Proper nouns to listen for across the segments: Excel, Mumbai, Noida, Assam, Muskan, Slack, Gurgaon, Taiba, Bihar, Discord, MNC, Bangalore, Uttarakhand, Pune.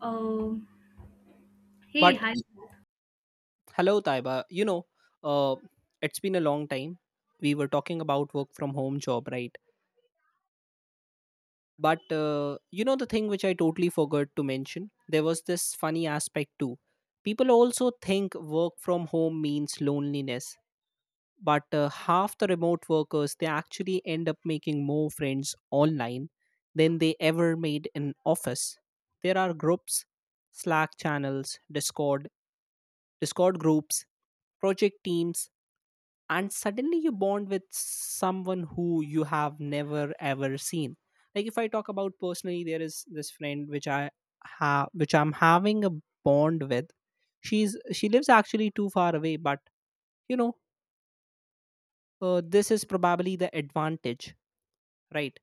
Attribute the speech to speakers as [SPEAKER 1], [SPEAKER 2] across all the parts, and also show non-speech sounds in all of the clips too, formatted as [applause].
[SPEAKER 1] Um, Hey,
[SPEAKER 2] But
[SPEAKER 1] hi.
[SPEAKER 2] hello, Taiba. Uh, it's been a long time. We were talking about work from home job, right? But the thing which I totally forgot to mention, there was this funny aspect too. People also think work from home means loneliness, but half the remote workers they actually end up making more friends online than they ever made in office. There are groups, Slack channels, Discord, Discord groups, project teams and suddenly you bond with someone who you have never ever seen like if I talk about personally there is this friend which I have which I'm having a bond with she lives actually too far away but you know this is probably the advantage, right,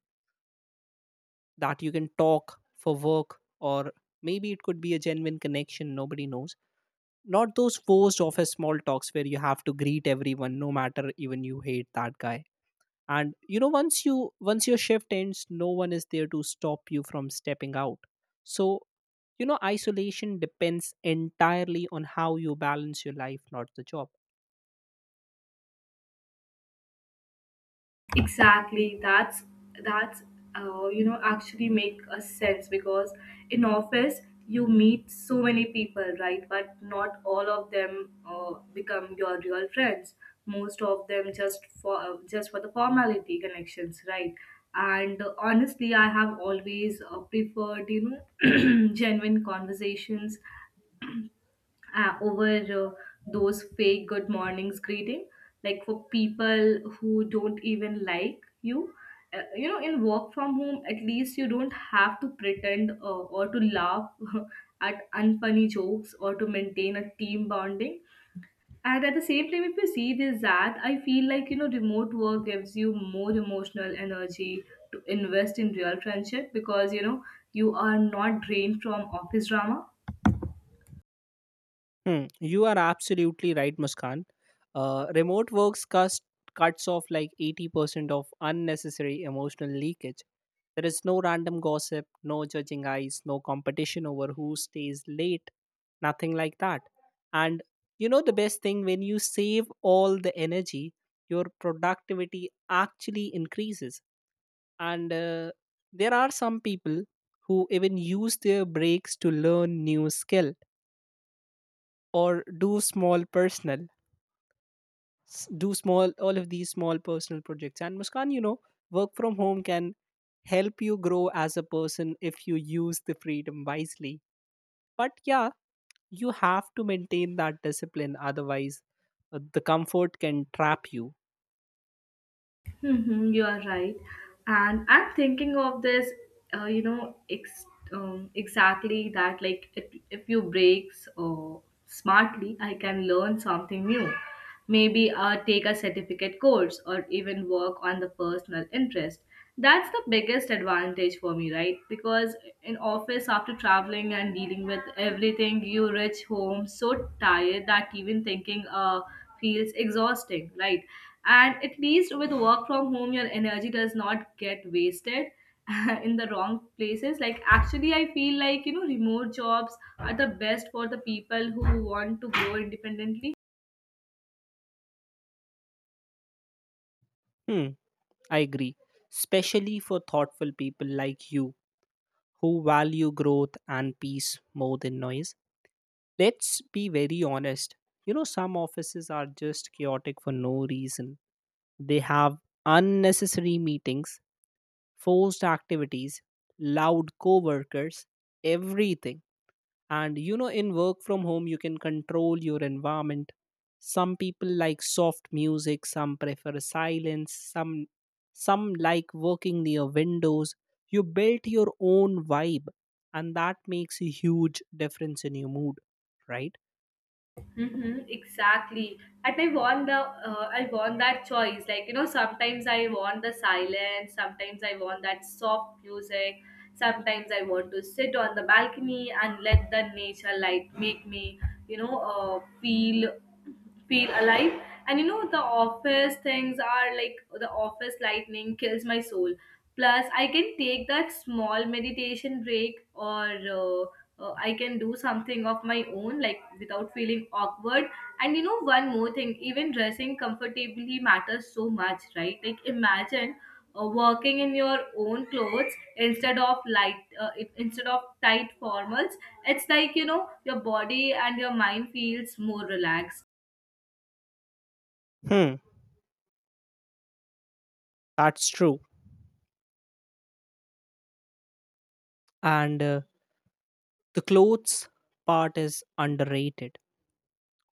[SPEAKER 2] that you can talk for work or maybe it could be a genuine connection, nobody knows. Not those forced office small talks where you have to greet everyone no matter even you hate that guy. And you know once your shift ends no one is there to stop you from stepping out. So you know isolation depends entirely on how you balance your life, not the job.
[SPEAKER 1] Exactly. That's actually make a sense, because in office you meet so many people, right? But not all of them become your real friends. Most of them just for the formality connections, right? And honestly, I have always preferred [clears throat] genuine conversations, over those fake good mornings greeting, like for people who don't even like you. Uh, you know in work from home, at least you don't have to pretend, or to laugh [laughs] at unfunny jokes, or to maintain a team bonding. And at the same time, if you see this, that I feel like remote work gives you more emotional energy to invest in real friendship, because you are not drained from office drama.
[SPEAKER 2] Hmm, you are absolutely right, Muskan. Remote works cuts off like 80% of unnecessary emotional leakage. There is no random gossip, no judging eyes, no competition over who stays late, nothing like that. And you know the best thing, when you save all the energy, your productivity actually increases. And there are some people who even use their breaks to learn new skill or do small all of these small personal projects. And Muskan, you know work from home can help you grow as a person if you use the freedom wisely. But yeah, you have to maintain that discipline, otherwise the comfort can trap you.
[SPEAKER 1] Hmm, you are right. And I'm thinking of this, uh, you know, ex- exactly that, like, if you breaks smartly, I can learn something new. Maybe take a certificate course or even work on the personal interest. That's the biggest advantage for me, right? Because in office, after traveling and dealing with everything, you reach home so tired that even thinking feels exhausting, right? And at least with work from home, your energy does not get wasted [laughs] in the wrong places. Like, actually, I feel like, remote jobs are the best for the people who want to grow independently.
[SPEAKER 2] Hmm, I agree, especially for thoughtful people like you who value growth and peace more than noise. Let's be very honest, you know some offices are just chaotic for no reason. They have unnecessary meetings, forced activities, loud coworkers, everything. And you know, in work from home, you can control your environment. Some people like soft music, some prefer silence, some like working near windows. You built your own vibe, and that makes a huge difference in your mood, right?
[SPEAKER 1] Mm-hmm, exactly. And I want that choice. Like, sometimes I want the silence. Sometimes I want that soft music. Sometimes I want to sit on the balcony and let the nature light make me, you know uh, feel feel alive. And the office things are like, the office lightning kills my soul. Plus I can take that small meditation break, or uh, I can do something of my own, like, without feeling awkward. And one more thing, even dressing comfortably matters so much, right? Like, imagine working in your own clothes, instead of tight formals. It's like, your body and your mind feels more relaxed.
[SPEAKER 2] Hmm, that's true. And the clothes part is underrated.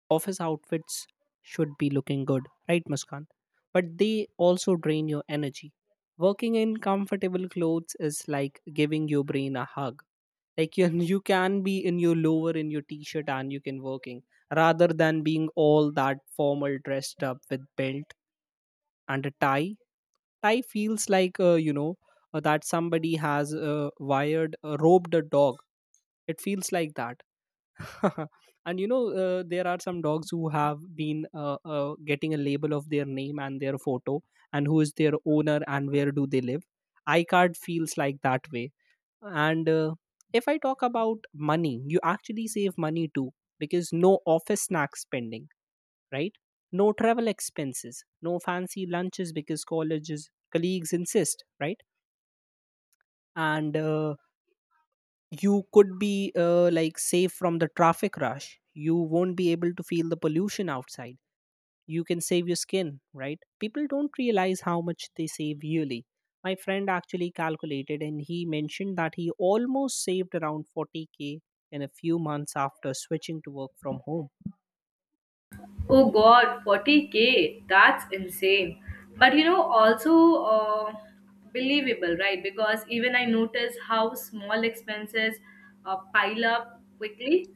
[SPEAKER 2] Office outfits should be looking good, right, Muskan? But they also drain your energy. Working in comfortable clothes is like giving your brain a hug. Like you, [laughs] you can be in your lower in your t-shirt and you can working rather than being all that formal dressed up with belt and a tie. Tie feels like that somebody has wired, roped a dog. It feels like that. [laughs] And you know, there are some dogs who have been getting a label of their name and their photo and who is their owner and where do they live. Icard feels like that way. And if I talk about money, you actually save money too because no office snack spending, right? No travel expenses, no fancy lunches because colleges colleagues insist, right? And you could be like safe from the traffic rush, you won't be able to feel the pollution outside, you can save your skin, right? People don't realize how much they save yearly. My friend actually calculated and he mentioned that he almost saved around 40K in a few months after switching to work from home.
[SPEAKER 1] Oh God, 40K, that's insane. But also, believable, right? Because even I notice how small expenses pile up quickly,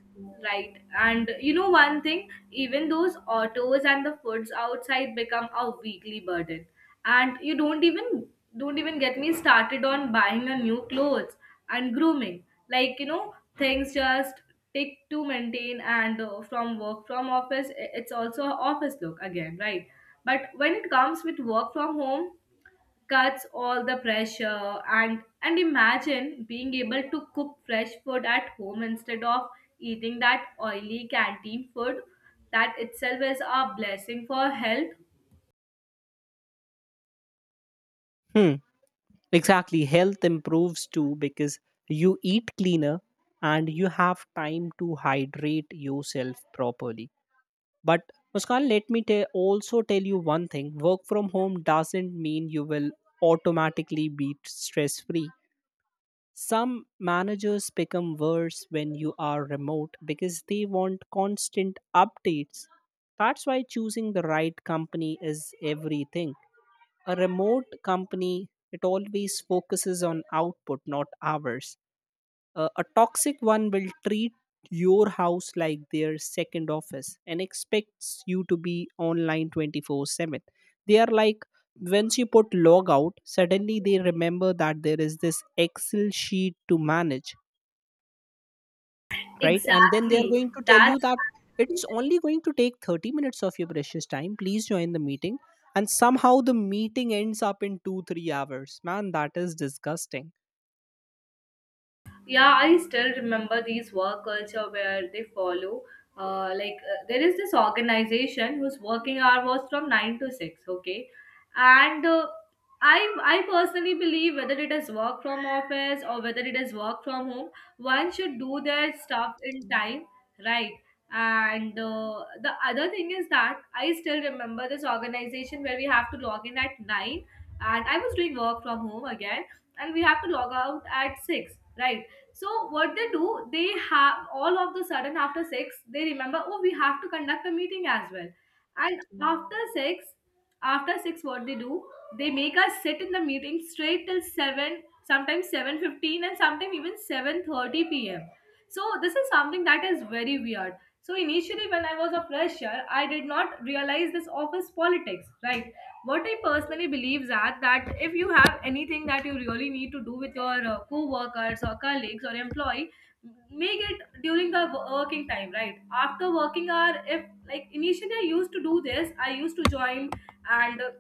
[SPEAKER 1] right? And one thing, even those autos and the foods outside become a weekly burden. And you don't even get me started on buying a new clothes and grooming. Like, things just take to maintain, and from work from office, it's also a office look again, right? But when it comes with work from home, cuts all the pressure. And imagine being able to cook fresh food at home instead of eating that oily canteen food, that itself is a blessing for health.
[SPEAKER 2] Hmm, exactly. Health improves too because you eat cleaner and you have time to hydrate yourself properly. But Muskan, let me also tell you one thing, work from home doesn't mean you will automatically be stress free. Some managers become worse when you are remote because they want constant updates. That's why choosing the right company is everything. A remote company, it always focuses on output, not hours. A toxic one will treat your house like their second office and expects you to be online 24/7. They are like, once you put log out, suddenly they remember that there is this Excel sheet to manage, right? And then they are
[SPEAKER 1] Exactly.
[SPEAKER 2] going to tell you
[SPEAKER 1] that's
[SPEAKER 2] that it's only going to take 30 minutes of your precious time. Please join the meeting. And somehow the meeting ends up in two, 3 hours. Man, that is disgusting.
[SPEAKER 1] Yeah, I still remember these work culture where they follow, like, there is this organization whose working hour was from 9 to 6. Okay. And i I personally believe, whether it is work from office or whether it is work from home, one should do their stuff in time, right? And the other thing is that I still remember this organization where we have to log in at 9, and I was doing work from home again, and we have to log out at 6, right? So what they do, they have, all of the sudden after six, they remember, oh, we have to conduct a meeting as well. And after six, what they do, they make us sit in the meeting straight till seven, sometimes 7:15, and sometimes even 7:30 p.m. So this is something that is very weird. So initially, when I was a fresher, I did not realize this office politics, right? What I personally believe is that if you have anything that you really need to do with your co-workers or colleagues or employee, make it during the working time, right? After working hour, if, like, initially I used to do this, I used to join, and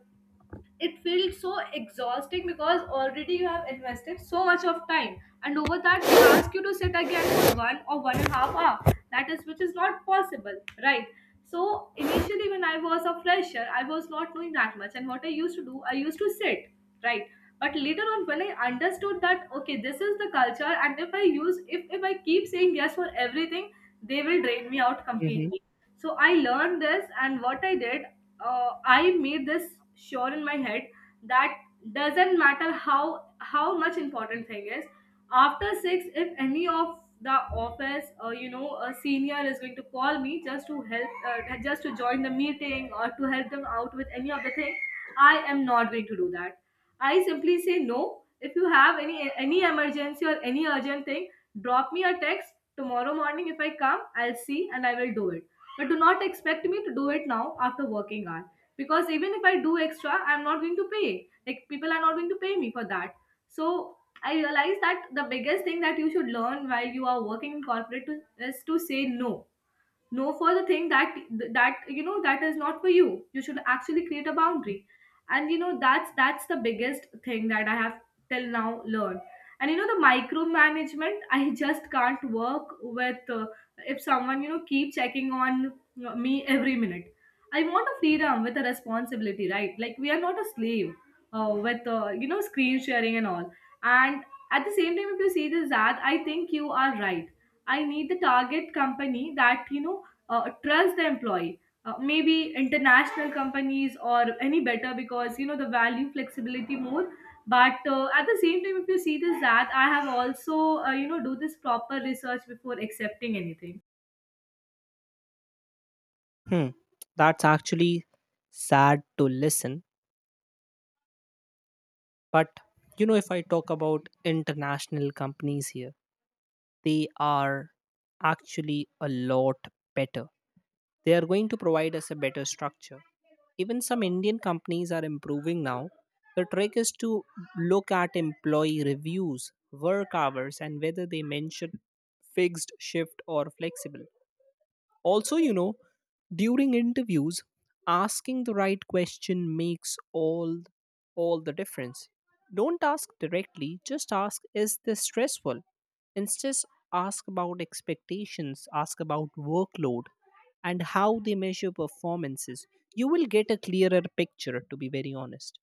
[SPEAKER 1] it felt so exhausting, because already you have invested so much of time, and over that they ask you to sit again for 1 or 1.5 hour, that is, which is not possible, right? So initially, when I was a fresher, I was not doing that much, and what I used to do, I used to sit, right? But later on, when I understood that okay, this is the culture, and if I keep saying yes for everything, they will drain me out completely. So I learned this, and what I did, I made this sure in my head, that doesn't matter how much important thing is, after six, if any of the office or a senior is going to call me, just to join the meeting, or to help them out with any of the thing, I am not going to do that. I simply say no. If you have any emergency or any urgent thing, drop me a text tomorrow morning, if I come, I'll see and I will do it. But do not expect me to do it now after working hour, because even if I do extra, I'm not going to pay. Like, people are not going to pay me for that. So I realized that the biggest thing that you should learn while you are working in corporate to, is to say no. No for the thing, that that is not for you. You should actually create a boundary. And that's the biggest thing that I have till now learned. And the micromanagement, [laughs] I just can't work with. If someone, keep checking on me every minute, I want a freedom with a responsibility, right? Like, we are not a slave with, screen sharing and all. And at the same time, if you see this ad, I think you are right. I need the target company that trusts the employee. Maybe international companies or any better, because the value flexibility more. But at the same time, if you see this, that I have also do this proper research before accepting anything.
[SPEAKER 2] Hmm, that's actually sad to listen. But you know, if I talk about international companies here, they are actually a lot better. They are going to provide us a better structure. Even some Indian companies are improving now. The trick is to look at employee reviews, work hours, and whether they mention fixed shift or flexible. Also, you know, during interviews, asking the right question makes all the difference. Don't ask directly, just ask is this stressful? Instead, ask about expectations, ask about workload and how they measure performances. You will get a clearer picture, to be very honest.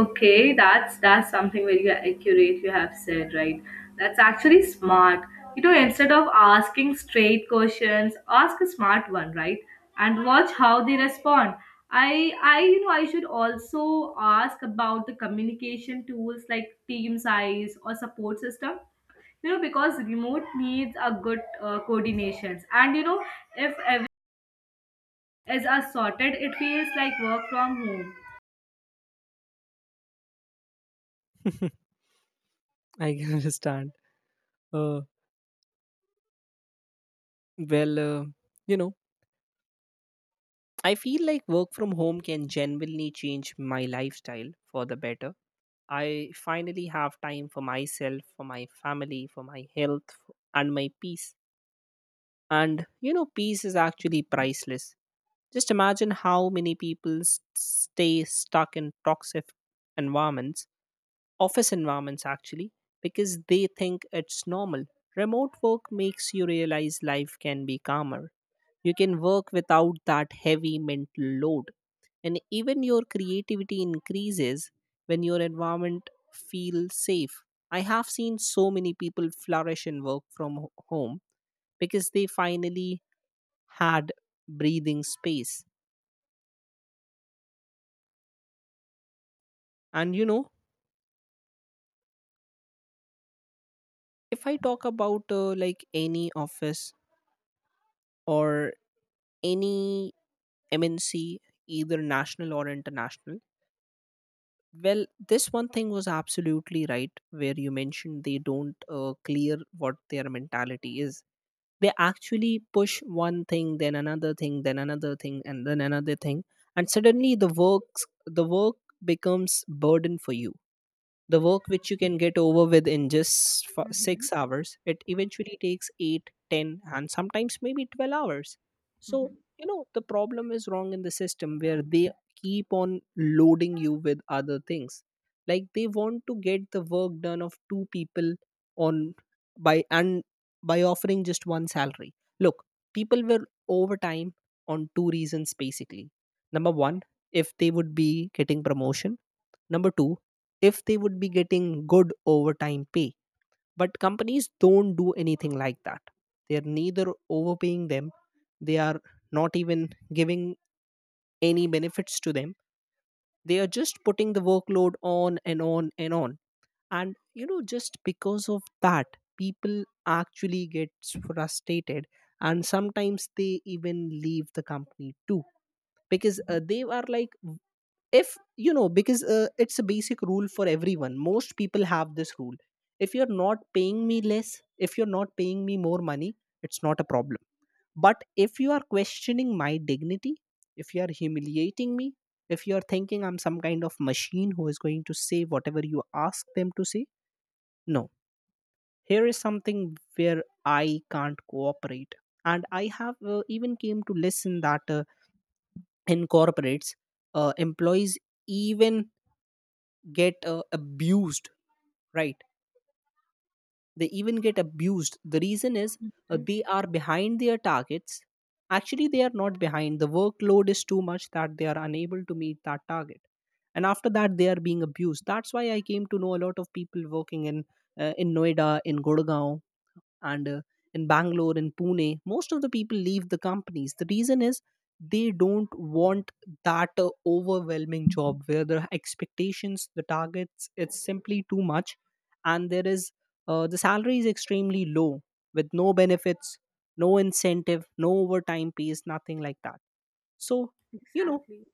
[SPEAKER 1] Okay, that's something very accurate you have said, right? That's actually smart. Instead of asking straight questions, ask a smart one, right? And watch how they respond. I you know I should also ask about the communication tools, like team size or support system. Because remote needs a good coordinations, and if everything is are sorted, it feels like work from home.
[SPEAKER 2] [laughs] I can understand. Uh, well, you know, I feel like work from home can genuinely change my lifestyle for the better. I finally have time for myself, for my family, for my health, and my peace. And you know, peace is actually priceless. Just imagine how many people stay stuck in toxic environments, office environments actually, because they think it's normal. Remote work makes you realize life can be calmer. You can work without that heavy mental load. And even your creativity increases when your environment feels safe. I have seen so many people flourish in work from home because they finally had breathing space. And you know, if I talk about like any office or any MNC, either national or international, well, this one thing was absolutely right where you mentioned they don't clear what their mentality is. They actually push one thing, then another thing, then another thing, and then another thing, and suddenly the work becomes burden for you. The work which you can get over with in just 6 hours, it eventually takes 8, 10, and sometimes maybe 12 hours. So,
[SPEAKER 1] Mhm.
[SPEAKER 2] you know, the problem is wrong in the system where they keep on loading you with other things. Like they want to get the work done of two people on by and by offering just one salary. Look, people were overtime on two reasons basically. Number one, if they would be getting promotion. Number two, if they would be getting good overtime pay. But companies don't do anything like that. They are neither overpaying them, they are not even giving any benefits to them. They are just putting the workload on and on and on. And, you know, just because of that, people actually get frustrated and sometimes they even leave the company too because they are like, if you know, because it's a basic rule for everyone, most people have this rule, if you're not paying me less, if you're not paying me more money, it's not a problem. But if you are questioning my dignity, if you are humiliating me, if you are thinking I'm some kind of machine who is going to say whatever you ask them to say, no. Here is something where I can't cooperate. And I have even came to listen that in corporates, employees even get abused, right? They even get abused. The reason is they are behind their targets. Actually they are not behind, the workload is too much that they are unable to meet that target. And after that they are being abused. That's why I came to know a lot of people working in Noida, in Gurgaon, and in Bangalore, in Pune, most of the people leave the companies. The reason is they don't want that overwhelming job where the expectations, the targets, it's simply too much. And there is the salary is extremely low with no benefits, no incentive, no overtime pays, nothing like that. So you know,
[SPEAKER 1] Exactly.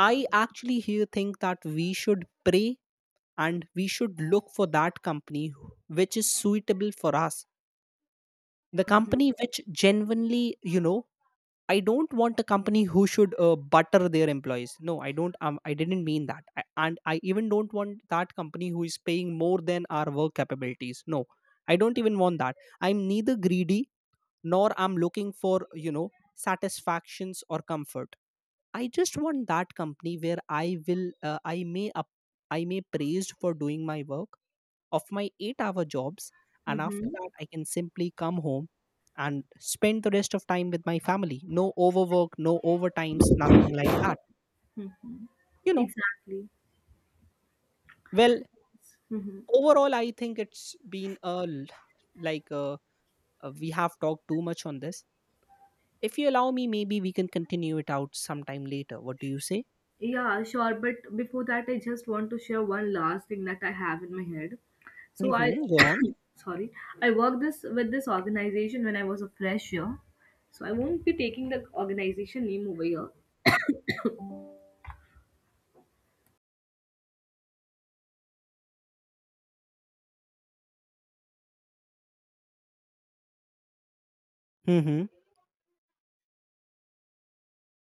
[SPEAKER 2] I actually here think that we should pray and we should look for that company which is suitable for us, the company which genuinely, you know, I don't want a company who should butter their employees, no I don't, I didn't mean that I, and I even don't want that company who is paying more than our work capabilities, no, I don't even want that. I'm neither greedy nor I'm looking for, you know, satisfactions or comfort. I just want that company where I will I may praised for doing my work of my 8-hour jobs. And after
[SPEAKER 1] Mm-hmm.
[SPEAKER 2] that I can simply come home and spend the rest of time with my family, no overwork, no overtimes, nothing like that, you know.
[SPEAKER 1] Exactly.
[SPEAKER 2] Well,
[SPEAKER 1] Mm-hmm.
[SPEAKER 2] overall I think it's been a l- like we have talked too much on this. If you allow me maybe we can continue it out sometime later, what do you say?
[SPEAKER 1] Yeah, sure. But before that, I just want to share one last thing that I have in my head. So I,
[SPEAKER 2] Mm-hmm, go on.
[SPEAKER 1] [coughs] sorry, I worked this with this organization when I was a fresher. So I won't be taking the organization name over here.
[SPEAKER 2] Mm-hmm.